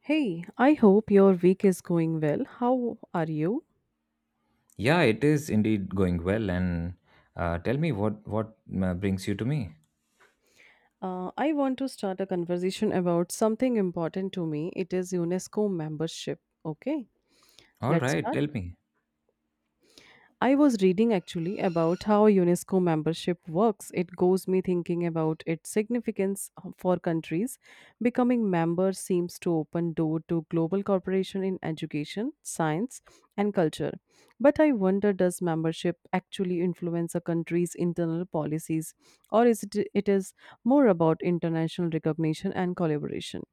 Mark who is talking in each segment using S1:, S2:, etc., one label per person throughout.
S1: Hey, I hope your week is going well. How are you?
S2: Yeah, it is indeed going well. And tell me what brings you to me.
S1: I want to start a conversation about something important to me. It is UNESCO membership. Okay,
S2: All
S1: let's
S2: right,
S1: start.
S2: tell me.
S1: I was reading actually about how UNESCO membership works. It goes me thinking about its significance for countries. Becoming member seems to open door to global cooperation in education, science, and culture. But I wonder, does membership actually influence a country's internal policies or is it, it is more about international recognition and collaboration?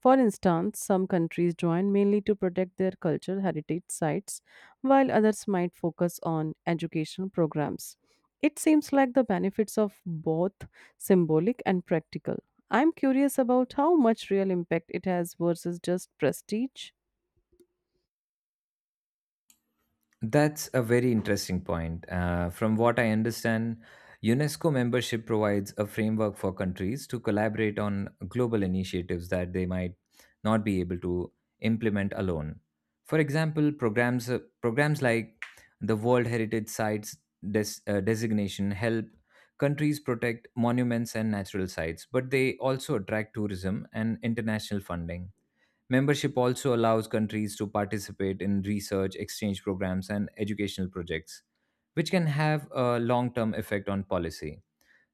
S1: For instance, some countries join mainly to protect their cultural heritage sites, while others might focus on educational programs. It seems like the benefits of both symbolic and practical. I'm curious about how much real impact it has versus just prestige.
S2: That's a very interesting point. From what I understand, UNESCO membership provides a framework for countries to collaborate on global initiatives that they might not be able to implement alone. For example, programs like the World Heritage Sites designation help countries protect monuments and natural sites, but they also attract tourism and international funding. Membership also allows countries to participate in research, exchange programs, and educational projects, which can have a long term effect on policy.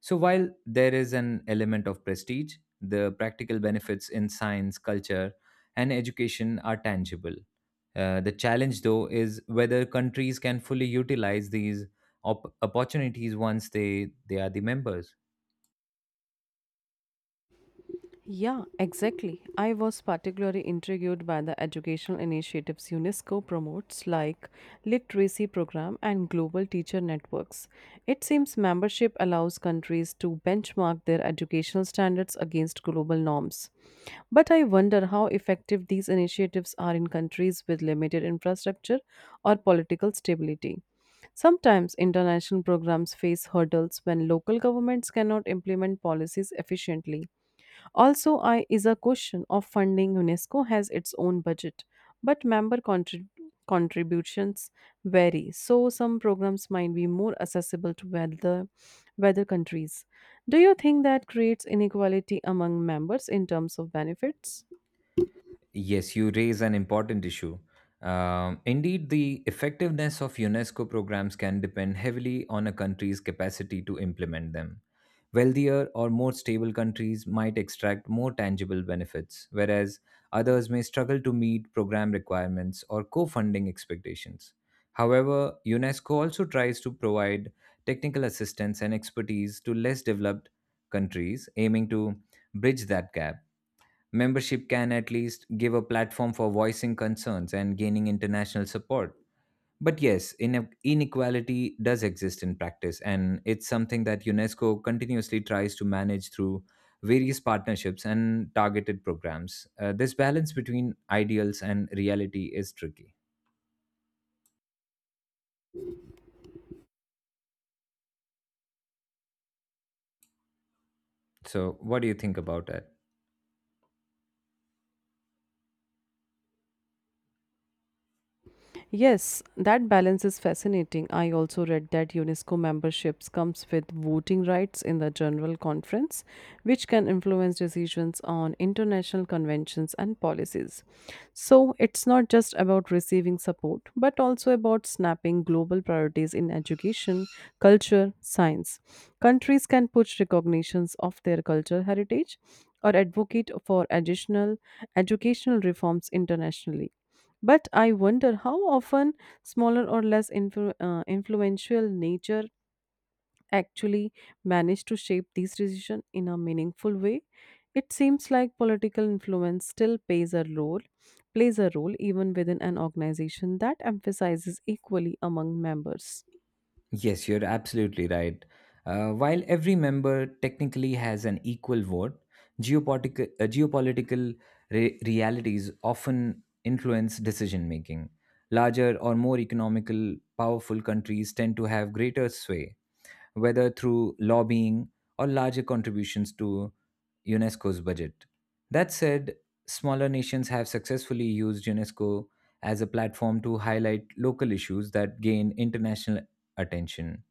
S2: So, while there is an element of prestige, the practical benefits in science, culture, and education are tangible. The challenge, though, is whether countries can fully utilize these opportunities once they are the members.
S1: Yeah, exactly. I was particularly intrigued by the educational initiatives UNESCO promotes, like literacy program and global teacher networks. It seems membership allows countries to benchmark their educational standards against global norms. But I wonder how effective these initiatives are in countries with limited infrastructure or political stability. Sometimes international programs face hurdles when local governments cannot implement policies efficiently. Also, I is a question of funding. UNESCO has its own budget, but contributions vary, so some programs might be more accessible to weather countries. Do you think that creates inequality among members in terms of benefits?
S2: Yes, you raise an important issue. Indeed, the effectiveness of UNESCO programs can depend heavily on a country's capacity to implement them. Wealthier or more stable countries might extract more tangible benefits, whereas others may struggle to meet program requirements or co funding expectations. However, UNESCO also tries to provide technical assistance and expertise to less developed countries, aiming to bridge that gap. Membership can at least give a platform for voicing concerns and gaining international support. But yes, inequality does exist in practice, and it's something that UNESCO continuously tries to manage through various partnerships and targeted programs. This balance between ideals and reality is tricky. So, what do you think about it?
S1: Yes, that balance is fascinating. I also read that UNESCO memberships comes with voting rights in the general conference, which can influence decisions on international conventions and policies. So, it's not just about receiving support, but also about snapping global priorities in education, culture, science. Countries can push recognitions of their cultural heritage or advocate for additional educational reforms internationally. But I wonder how often smaller or less influential nature actually manage to shape these decisions in a meaningful way. It seems like political influence still plays a role even within an organization that emphasizes equally among members.
S2: Yes, you're absolutely right. While every member technically has an equal vote, geopolitical realities often influence decision making. Larger or more economical, powerful countries tend to have greater sway whether through lobbying or larger contributions to UNESCO's budget. That said, smaller nations have successfully used UNESCO as a platform to highlight local issues that gain international attention,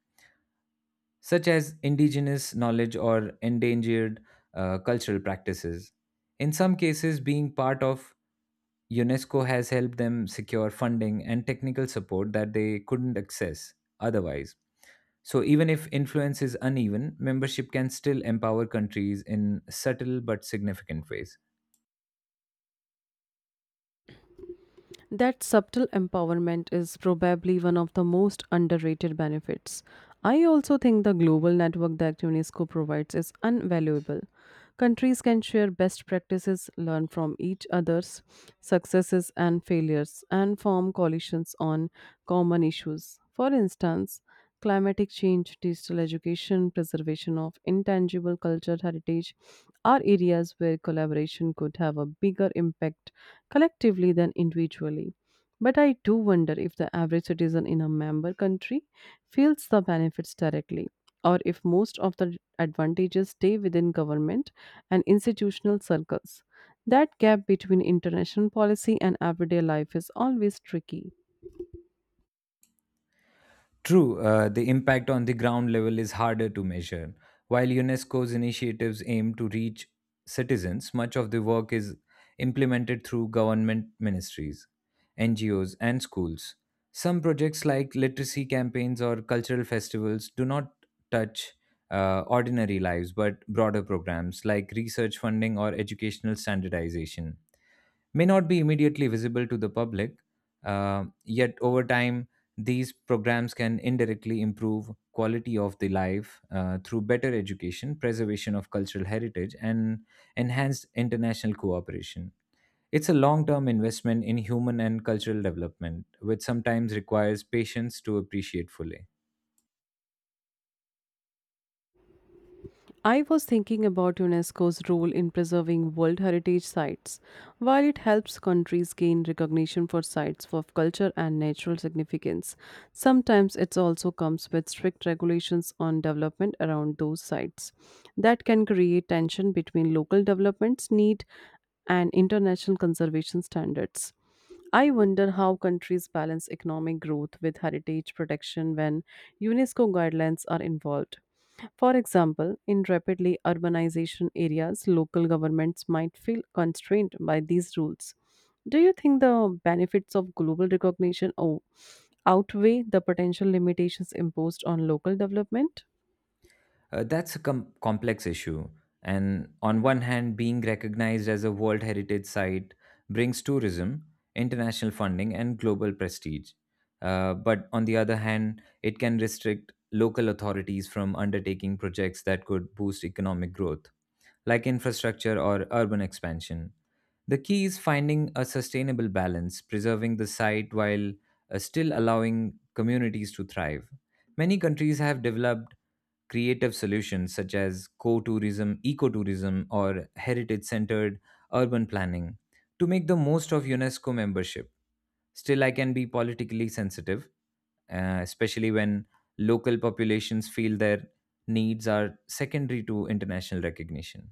S2: such as indigenous knowledge or endangered cultural practices. In some cases, being part of UNESCO has helped them secure funding and technical support that they couldn't access otherwise. So, even if influence is uneven, membership can still empower countries in subtle but significant ways.
S1: That subtle empowerment is probably one of the most underrated benefits. I also think the global network that UNESCO provides is invaluable. Countries can share best practices, learn from each other's successes and failures, and form coalitions on common issues. For instance, climatic change, digital education, preservation of intangible cultural heritage are areas where collaboration could have a bigger impact collectively than individually. But I do wonder if the average citizen in a member country feels the benefits directly or if most of the advantages stay within government and institutional circles. That gap between international policy and everyday life is always tricky.
S2: True, the impact on the ground level is harder to measure. While UNESCO's initiatives aim to reach citizens, much of the work is implemented through government ministries, NGOs, and schools. Some projects like literacy campaigns or cultural festivals do not touch ordinary lives but broader programs like research funding or educational standardization may not be immediately visible to the public, yet over time, these programs can indirectly improve quality of the life through better education, preservation of cultural heritage, and enhanced international cooperation. It's a long term investment in human and cultural development, which sometimes requires patience to appreciate fully.
S1: I was thinking about UNESCO's role in preserving World Heritage Sites. While it helps countries gain recognition for sites of culture and natural significance, sometimes it also comes with strict regulations on development around those sites. That can create tension between local developments need and international conservation standards. I wonder how countries balance economic growth with heritage protection when UNESCO guidelines are involved. For example, in rapidly urbanization areas, local governments might feel constrained by these rules. Do you think the benefits of global recognition outweigh the potential limitations imposed on local development?
S2: That's a complex issue. And on one hand, being recognized as a World Heritage Site brings tourism, international funding, and global prestige. But on the other hand, it can restrict local authorities from undertaking projects that could boost economic growth, like infrastructure or urban expansion. The key is finding a sustainable balance, preserving the site while still allowing communities to thrive. Many countries have developed creative solutions such as co-tourism, ecotourism, or heritage-centered urban planning to make the most of UNESCO membership. Still, I can be politically sensitive, especially when local populations feel their needs are secondary to international recognition.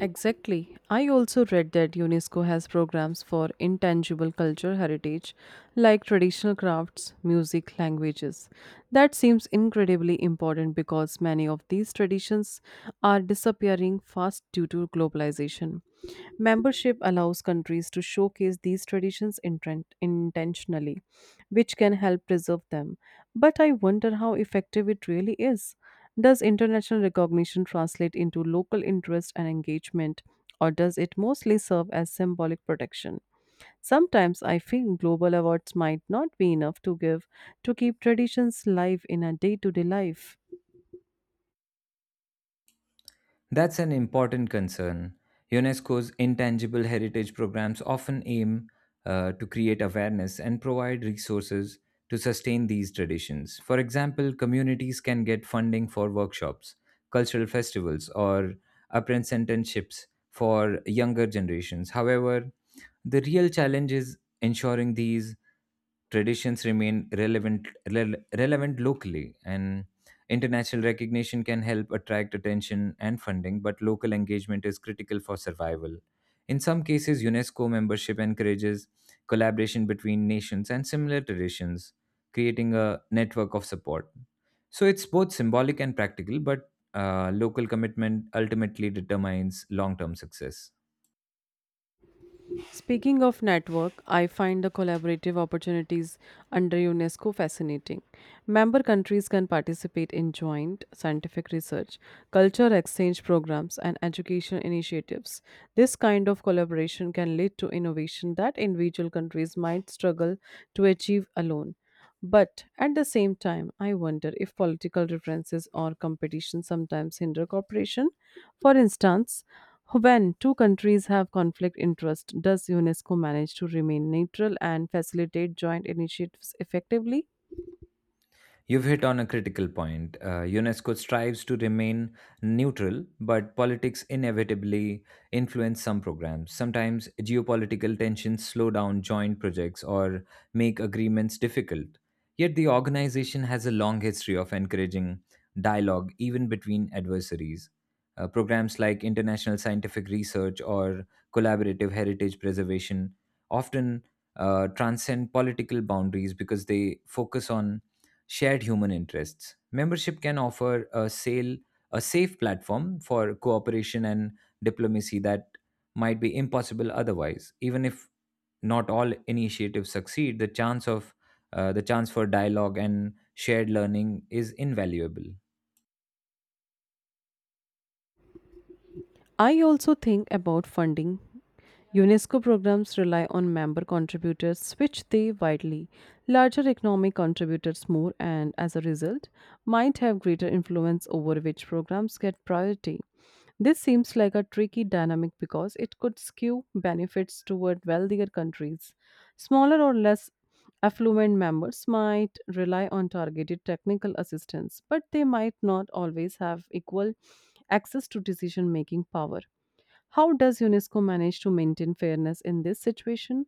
S1: Exactly. I also read that UNESCO has programs for intangible cultural heritage like traditional crafts, music, languages. That seems incredibly important because many of these traditions are disappearing fast due to globalization. Membership allows countries to showcase these traditions intentionally, which can help preserve them. But I wonder how effective it really is. Does international recognition translate into local interest and engagement, or does it mostly serve as symbolic protection? Sometimes I feel global awards might not be enough to give to keep traditions live in our day to day life.
S2: That's an important concern. UNESCO's intangible heritage programs often aim to create awareness and provide resources to sustain these traditions. For example, communities can get funding for workshops, cultural festivals, or apprenticeships for younger generations. However, the real challenge is ensuring these traditions remain relevant locally and International recognition can help attract attention and funding, but local engagement is critical for survival. In some cases, UNESCO membership encourages collaboration between nations and similar traditions, creating a network of support. So it's both symbolic and practical, but local commitment ultimately determines long term success.
S1: Speaking of network, I find the collaborative opportunities under UNESCO fascinating. Member countries can participate in joint scientific research, culture exchange programs, and education initiatives. This kind of collaboration can lead to innovation that individual countries might struggle to achieve alone. But at the same time, I wonder if political differences or competition sometimes hinder cooperation. For instance, when two countries have conflict interest, does UNESCO manage to remain neutral and facilitate joint initiatives effectively?
S2: You've hit on a critical point. UNESCO strives to remain neutral, but politics inevitably influence some programs. Sometimes geopolitical tensions slow down joint projects or make agreements difficult. Yet the organization has a long history of encouraging dialogue even between adversaries. Programs like international scientific research or collaborative heritage preservation often transcend political boundaries because they focus on shared human interests. Membership can offer a safe platform for cooperation and diplomacy that might be impossible otherwise. Even if not all initiatives succeed, the chance for dialogue and shared learning is invaluable.
S1: I also think about funding. UNESCO programs rely on member contributors, which they widely. Larger economic contributors more and, as a result, might have greater influence over which programs get priority. This seems like a tricky dynamic because it could skew benefits toward wealthier countries. Smaller or less affluent members might rely on targeted technical assistance, but they might not always have equal access to decision making power. How does UNESCO manage to maintain fairness in this situation?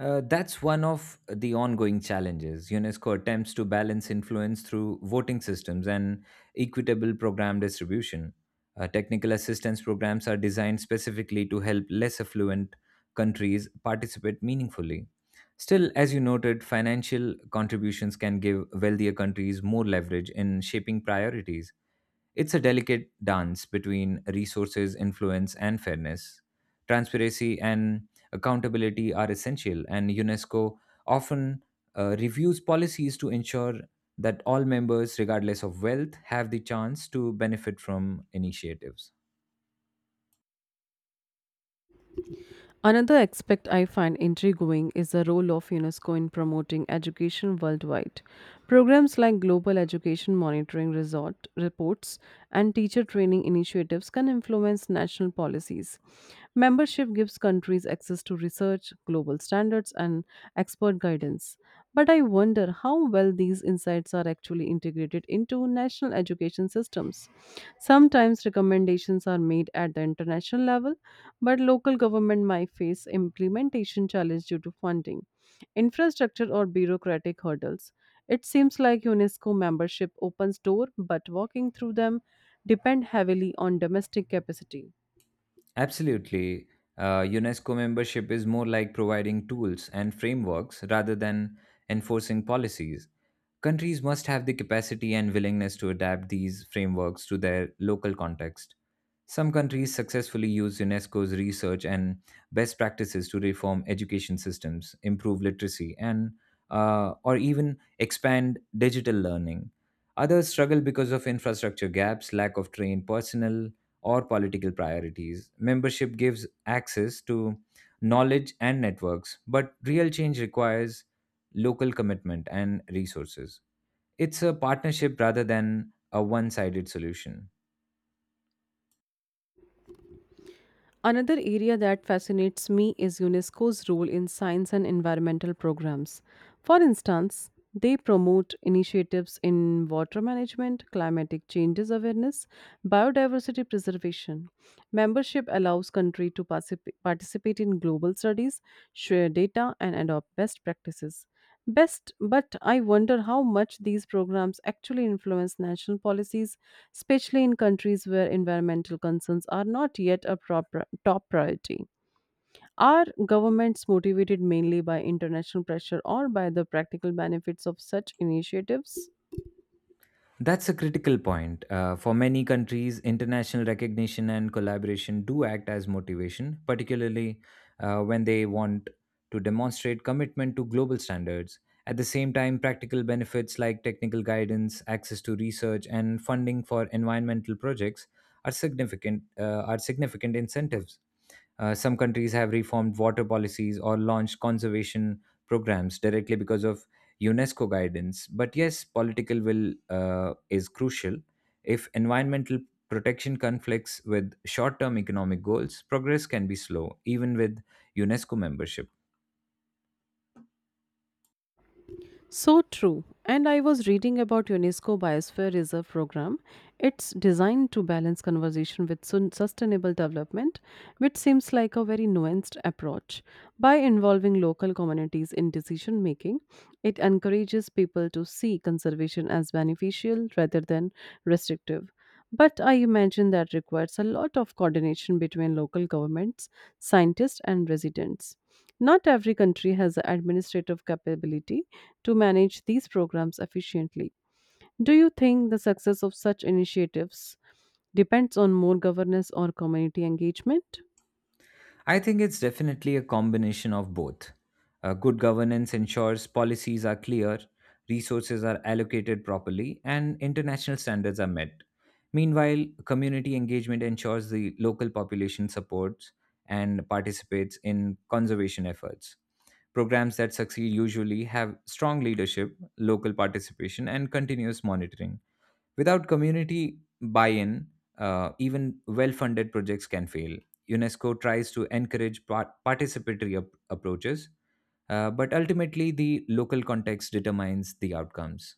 S2: That's one of the ongoing challenges. UNESCO attempts to balance influence through voting systems and equitable program distribution. Technical assistance programs are designed specifically to help less affluent countries participate meaningfully. Still, as you noted, financial contributions can give wealthier countries more leverage in shaping priorities. It's a delicate dance between resources, influence, and fairness. Transparency and accountability are essential, and UNESCO often reviews policies to ensure that all members, regardless of wealth, have the chance to benefit from initiatives.
S1: Another aspect I find intriguing is the role of UNESCO in promoting education worldwide. Programs like Global Education Monitoring Resort reports and teacher training initiatives can influence national policies. Membership gives countries access to research, global standards, and expert guidance. But I wonder how well these insights are actually integrated into national education systems. Sometimes recommendations are made at the international level, but local government might face implementation challenge due to funding, infrastructure or bureaucratic hurdles. It seems like UNESCO membership opens door, but walking through them depend heavily on domestic capacity.
S2: Absolutely. UNESCO membership is more like providing tools and frameworks rather than enforcing policies. Countries must have the capacity and willingness to adapt these frameworks to their local context. Some countries successfully use UNESCO's research and best practices to reform education systems, improve literacy, and or even expand digital learning. Others struggle because of infrastructure gaps, lack of trained personnel, or political priorities. Membership gives access to knowledge and networks, but real change requires local commitment and resources. It's a partnership rather than a one sided solution.
S1: Another area that fascinates me is UNESCO's role in science and environmental programs. For instance, they promote initiatives in water management, climatic changes awareness, biodiversity preservation. Membership allows country to participate in global studies, share data and adopt best practices. Best, but I wonder how much these programs actually influence national policies, especially in countries where environmental concerns are not yet a top priority. Are governments motivated mainly by international pressure or by the practical benefits of such initiatives?
S2: That's a critical point. For many countries, international recognition and collaboration do act as motivation, particularly when they want to demonstrate commitment to global standards. At the same time, practical benefits like technical guidance, access to research, and funding for environmental projects are significant incentives. Some countries have reformed water policies or launched conservation programs directly because of UNESCO guidance. But yes, political will is crucial. If environmental protection conflicts with short term economic goals, progress can be slow, even with UNESCO membership.
S1: So true. And I was reading about UNESCO Biosphere Reserve program. It's designed to balance conservation with sustainable development, which seems like a very nuanced approach. By involving local communities in decision making, it encourages people to see conservation as beneficial rather than restrictive. But I imagine that requires a lot of coordination between local governments, scientists, and residents. Not every country has the administrative capability to manage these programs efficiently. Do you think the success of such initiatives depends on more governance or community engagement?
S2: I think it's definitely a combination of both. Good governance ensures policies are clear, resources are allocated properly, and international standards are met. Meanwhile, community engagement ensures the local population supports and participates in conservation efforts. Programs that succeed usually have strong leadership, local participation, and continuous monitoring. Without community buy in, even well funded projects can fail. UNESCO tries to encourage participatory approaches, but ultimately, the local context determines the outcomes.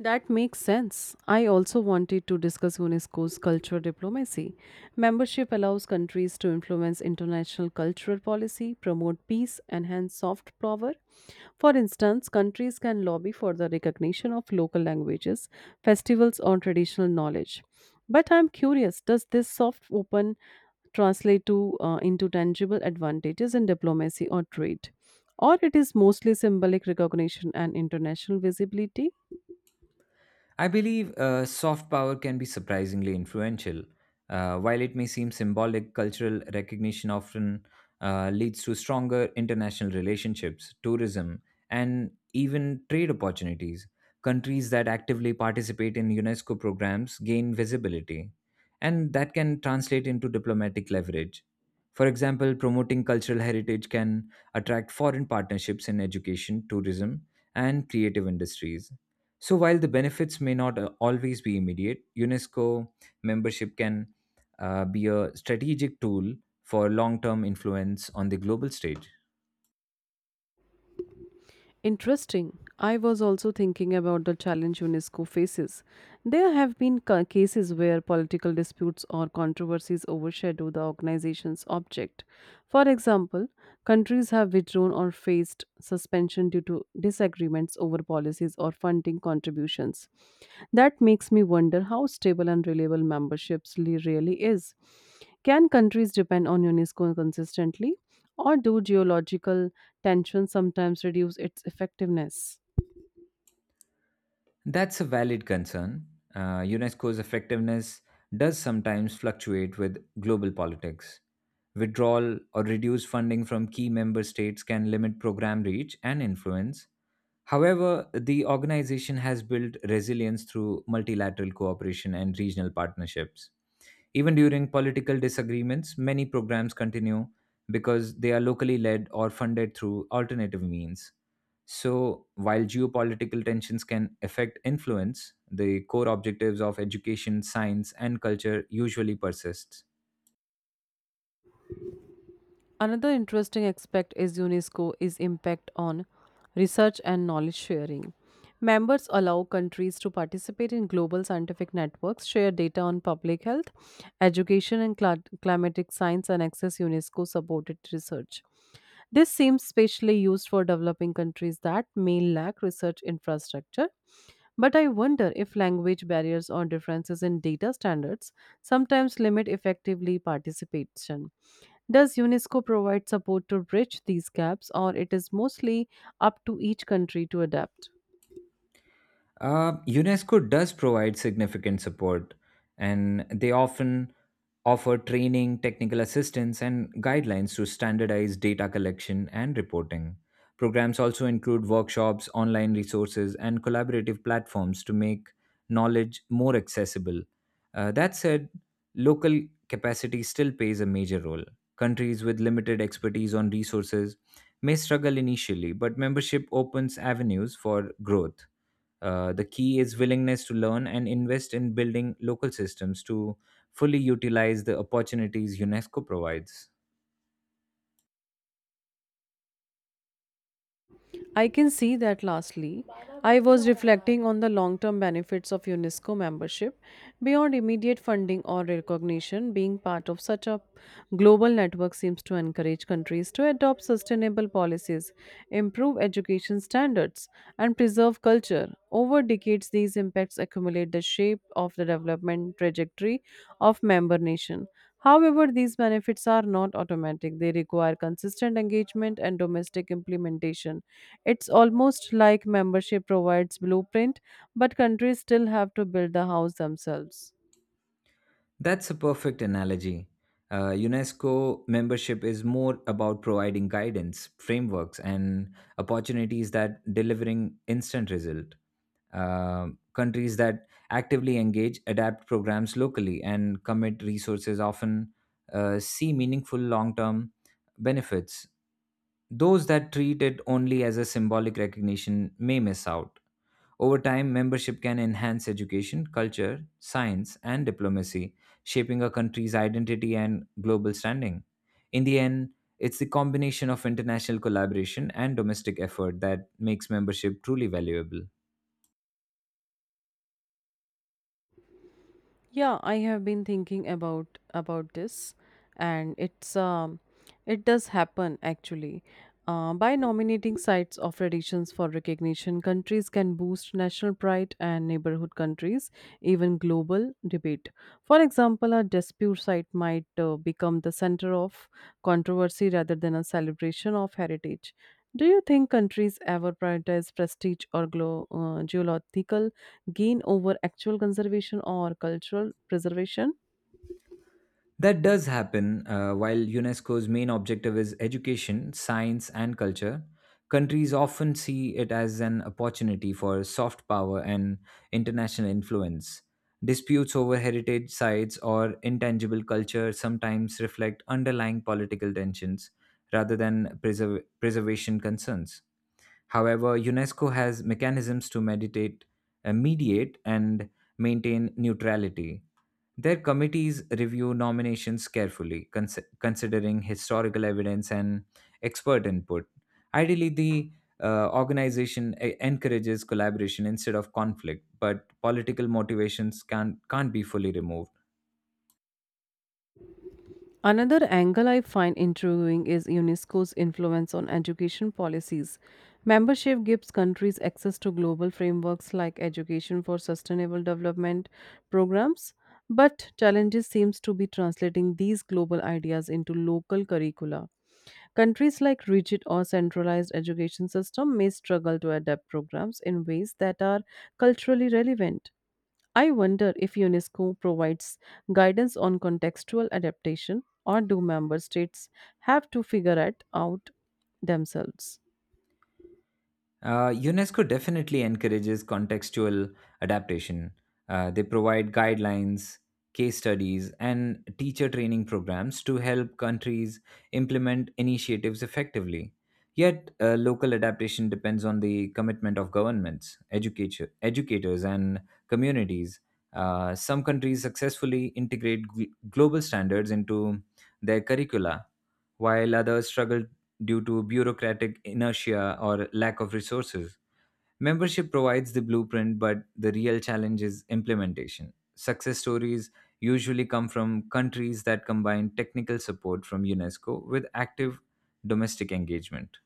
S1: That makes sense. I also wanted to discuss UNESCO's cultural diplomacy. Membership allows countries to influence international cultural policy, promote peace, and hence soft power. For instance, countries can lobby for the recognition of local languages, festivals, or traditional knowledge. But I'm curious, does this soft open translate to into tangible advantages in diplomacy or trade? Or it is mostly symbolic recognition and international visibility?
S2: I believe soft power can be surprisingly influential. While it may seem symbolic, cultural recognition often leads to stronger international relationships, tourism, and even trade opportunities. Countries that actively participate in UNESCO programs gain visibility, and that can translate into diplomatic leverage. For example, promoting cultural heritage can attract foreign partnerships in education, tourism, and creative industries so, while the benefits may not always be immediate, UNESCO membership can be a strategic tool for long term influence on the global stage.
S1: Interesting. I was also thinking about the challenge UNESCO faces. There have been cases where political disputes or controversies overshadow the organization's object. For example, countries have withdrawn or faced suspension due to disagreements over policies or funding contributions. That makes me wonder how stable and reliable memberships really is. Can countries depend on UNESCO consistently? Or do geological tensions sometimes reduce its effectiveness?
S2: That's a valid concern. UNESCO's effectiveness does sometimes fluctuate with global politics. Withdrawal or reduced funding from key member states can limit program reach and influence. However, the organization has built resilience through multilateral cooperation and regional partnerships. Even during political disagreements, many programs continue because they are locally led or funded through alternative means. So, while geopolitical tensions can affect influence, the core objectives of education, science, and culture usually persist.
S1: Another interesting aspect is UNESCO is impact on research and knowledge sharing. Members allow countries to participate in global scientific networks, share data on public health, education and climatic science and access UNESCO supported research. This seems especially used for developing countries that may lack research infrastructure. But I wonder if language barriers or differences in data standards sometimes limit effectively participation. Does UNESCO provide support to bridge these gaps, or it is mostly up to each country to adapt?
S2: UNESCO does provide significant support, and they often offer training, technical assistance, and guidelines to standardize data collection and reporting. Programs also include workshops, online resources, and collaborative platforms to make knowledge more accessible. That said, local capacity still plays a major role. Countries with limited expertise on resources may struggle initially, but membership opens avenues for growth. The key is willingness to learn and invest in building local systems to fully utilize the opportunities UNESCO provides.
S1: I can see that. Lastly, I was reflecting on the long term benefits of UNESCO membership beyond immediate funding or recognition. Being part of such a global network seems to encourage countries to adopt sustainable policies, improve education standards, and preserve culture. Over decades, these impacts accumulate the shape of the development trajectory of member nation. However, these benefits are not automatic. They require consistent engagement and domestic implementation. It's almost like membership provides blueprint, but countries still have to build the house themselves.
S2: That's a perfect analogy. UNESCO membership is more about providing guidance, frameworks, and opportunities that delivering instant result. Uh, countries that actively engage, adapt programs locally, and commit resources often see meaningful long-term benefits Those that treat it only as a symbolic recognition may miss out. Over time, membership can enhance education, culture, science, and diplomacy, shaping a country's identity and global standing. In the end, it's the combination of international collaboration and domestic effort that makes membership truly valuable.
S1: Yeah, I have been thinking about this, and it does happen actually. By nominating sites of traditions for recognition, countries can boost national pride and neighborhood countries, even global debate. For example, a dispute site might become the center of controversy rather than a celebration of heritage. Do you think countries ever prioritize prestige or geological gain over actual conservation or cultural preservation?
S2: That does happen. While UNESCO's main objective is education, science, and culture, countries often see it as an opportunity for soft power and international influence. Disputes over heritage sites or intangible culture sometimes reflect underlying political tensions rather than preservation concerns. However, UNESCO has mechanisms to mediate and maintain neutrality their committees review nominations carefully, considering historical evidence and expert input. Ideally, the organization encourages collaboration instead of conflict, but political motivations can't be fully removed.
S1: Another angle I find intriguing is UNESCO's influence on education policies. Membership gives countries access to global frameworks like education for sustainable development programs, but challenges seems to be translating these global ideas into local curricula. Countries like rigid or centralized education system may struggle to adapt programs in ways that are culturally relevant. I wonder if UNESCO provides guidance on contextual adaptation or do member states have to figure it out themselves?
S2: UNESCO definitely encourages contextual adaptation. They provide guidelines, case studies, and teacher training programs to help countries implement initiatives effectively. Yet, local adaptation depends on the commitment of governments, educators, and communities. Some countries successfully integrate global standards into their curricula, while others struggle due to bureaucratic inertia or lack of resources. Membership provides the blueprint, but the real challenge is implementation. Success stories usually come from countries that combine technical support from UNESCO with active domestic engagement.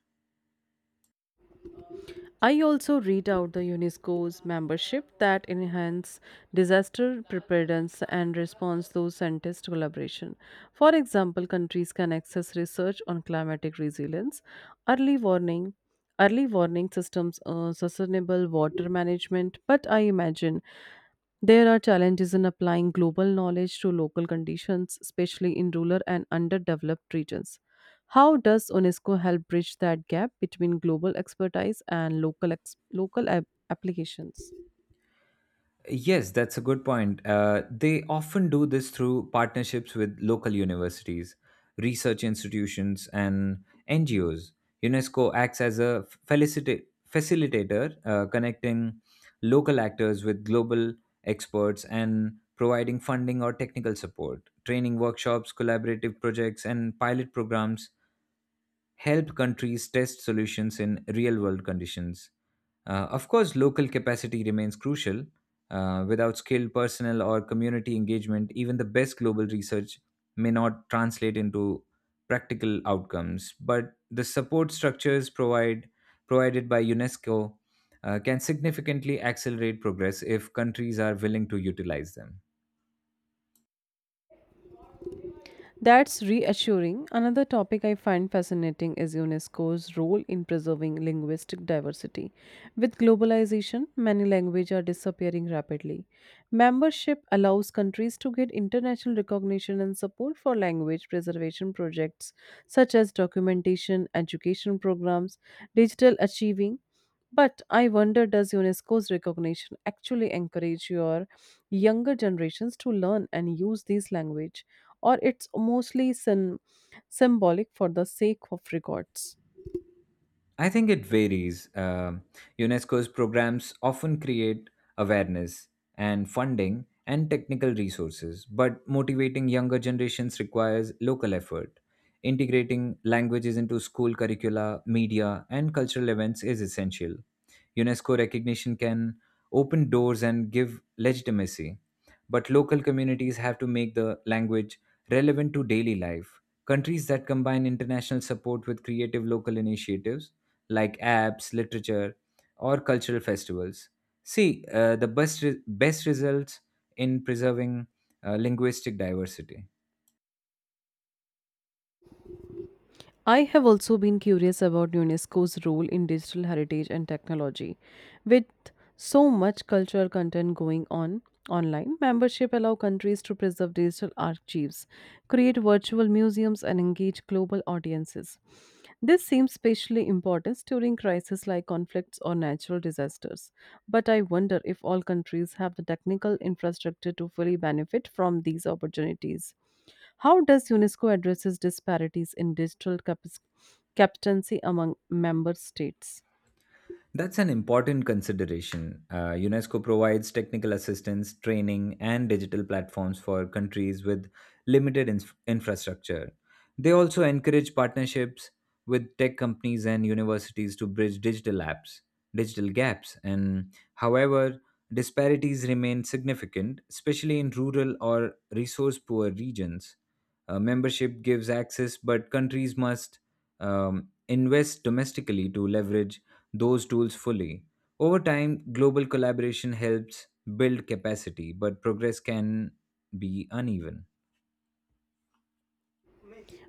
S1: I also read out the UNESCO's membership that enhance disaster preparedness and response through scientist collaboration. For example, countries can access research on climatic resilience, early warning, early warning systems, sustainable water management. But I imagine there are challenges in applying global knowledge to local conditions, especially in rural and underdeveloped regions. How does UNESCO help bridge that gap between global expertise and local applications?
S2: Yes, that's a good point. They often do this through partnerships with local universities, research institutions, and NGOs. UNESCO acts as a facilitator, connecting local actors with global experts and providing funding or technical support. Training workshops, collaborative projects, and pilot programs help countries test solutions in real world conditions. Of course, local capacity remains crucial. Without skilled personnel or community engagement, even the best global research may not translate into practical outcomes. But the provided by UNESCO can significantly accelerate progress if countries are willing to utilize them.
S1: That's reassuring. Another topic I find fascinating is UNESCO's role in preserving linguistic diversity. With globalization, many languages are disappearing rapidly. Membership allows countries to get international recognition and support for language preservation projects such as documentation, education programs, digital achieving. But I wonder, does UNESCO's recognition actually encourage your younger generations to learn and use these language, or it's mostly symbolic for the sake of records.
S2: I think it varies. Um UNESCO's programs often create awareness and funding and technical resources, but motivating younger generations requires local effort. Integrating languages into school curricula, media, and cultural events is essential. UNESCO recognition can open doors and give legitimacy, but local communities have to make the language relevant to daily life. Countries that combine international support with creative local initiatives like apps, literature, or cultural festivals. See, best results in preserving linguistic diversity.
S1: I have also been curious about UNESCO's role in digital heritage and technology. With so much cultural content going on online, membership allow countries to preserve digital archives, create virtual museums and engage global audiences. This seems especially important during crises like conflicts or natural disasters. But I wonder if all countries have the technical infrastructure to fully benefit from these opportunities. How does UNESCO addresses disparities in digital competency among member states?
S2: That's an important consideration. UNESCO provides technical assistance, training, and digital platforms for countries with limited infrastructure. They also encourage partnerships with tech companies and universities to bridge digital gaps, and however, disparities remain significant, especially in rural or resource poor regions. Membership gives access, but countries must um, invest domestically to leverage those tools fully. Over time, global collaboration helps build capacity, but progress can be uneven.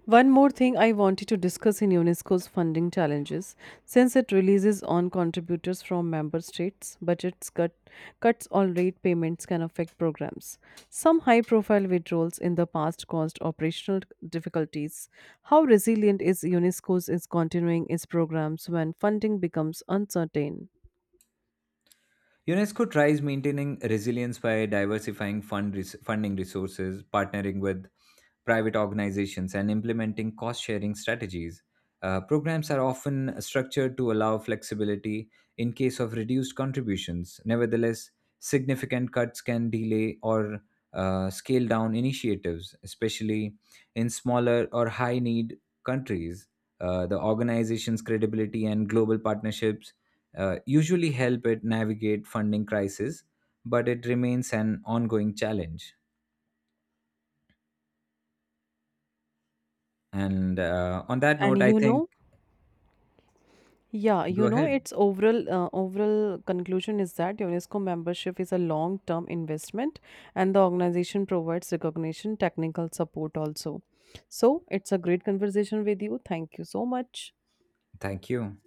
S1: One more thing I wanted to discuss in UNESCO's funding challenges, since it releases on contributors from member states, cuts or late payments can affect programs. Some high-profile withdrawals in the past caused operational difficulties. How resilient is UNESCO's is continuing its programs when funding becomes uncertain?
S2: UNESCO tries maintaining resilience by diversifying funding resources, partnering with private organizations, and implementing cost sharing strategies. Programs are often structured to allow flexibility in case of reduced contributions. Nevertheless, significant cuts can delay or scale down initiatives, especially in smaller or high need countries. The organization's credibility and global partnerships usually help it navigate funding crisis, but it remains an ongoing challenge. And on that
S1: And
S2: note, I
S1: you
S2: think
S1: know, yeah,
S2: go
S1: you know,
S2: ahead.
S1: its overall overall conclusion is that UNESCO membership is a long-term investment, and the organization provides recognition, technical support also. So it's a great conversation with you. Thank you so much.
S2: Thank you.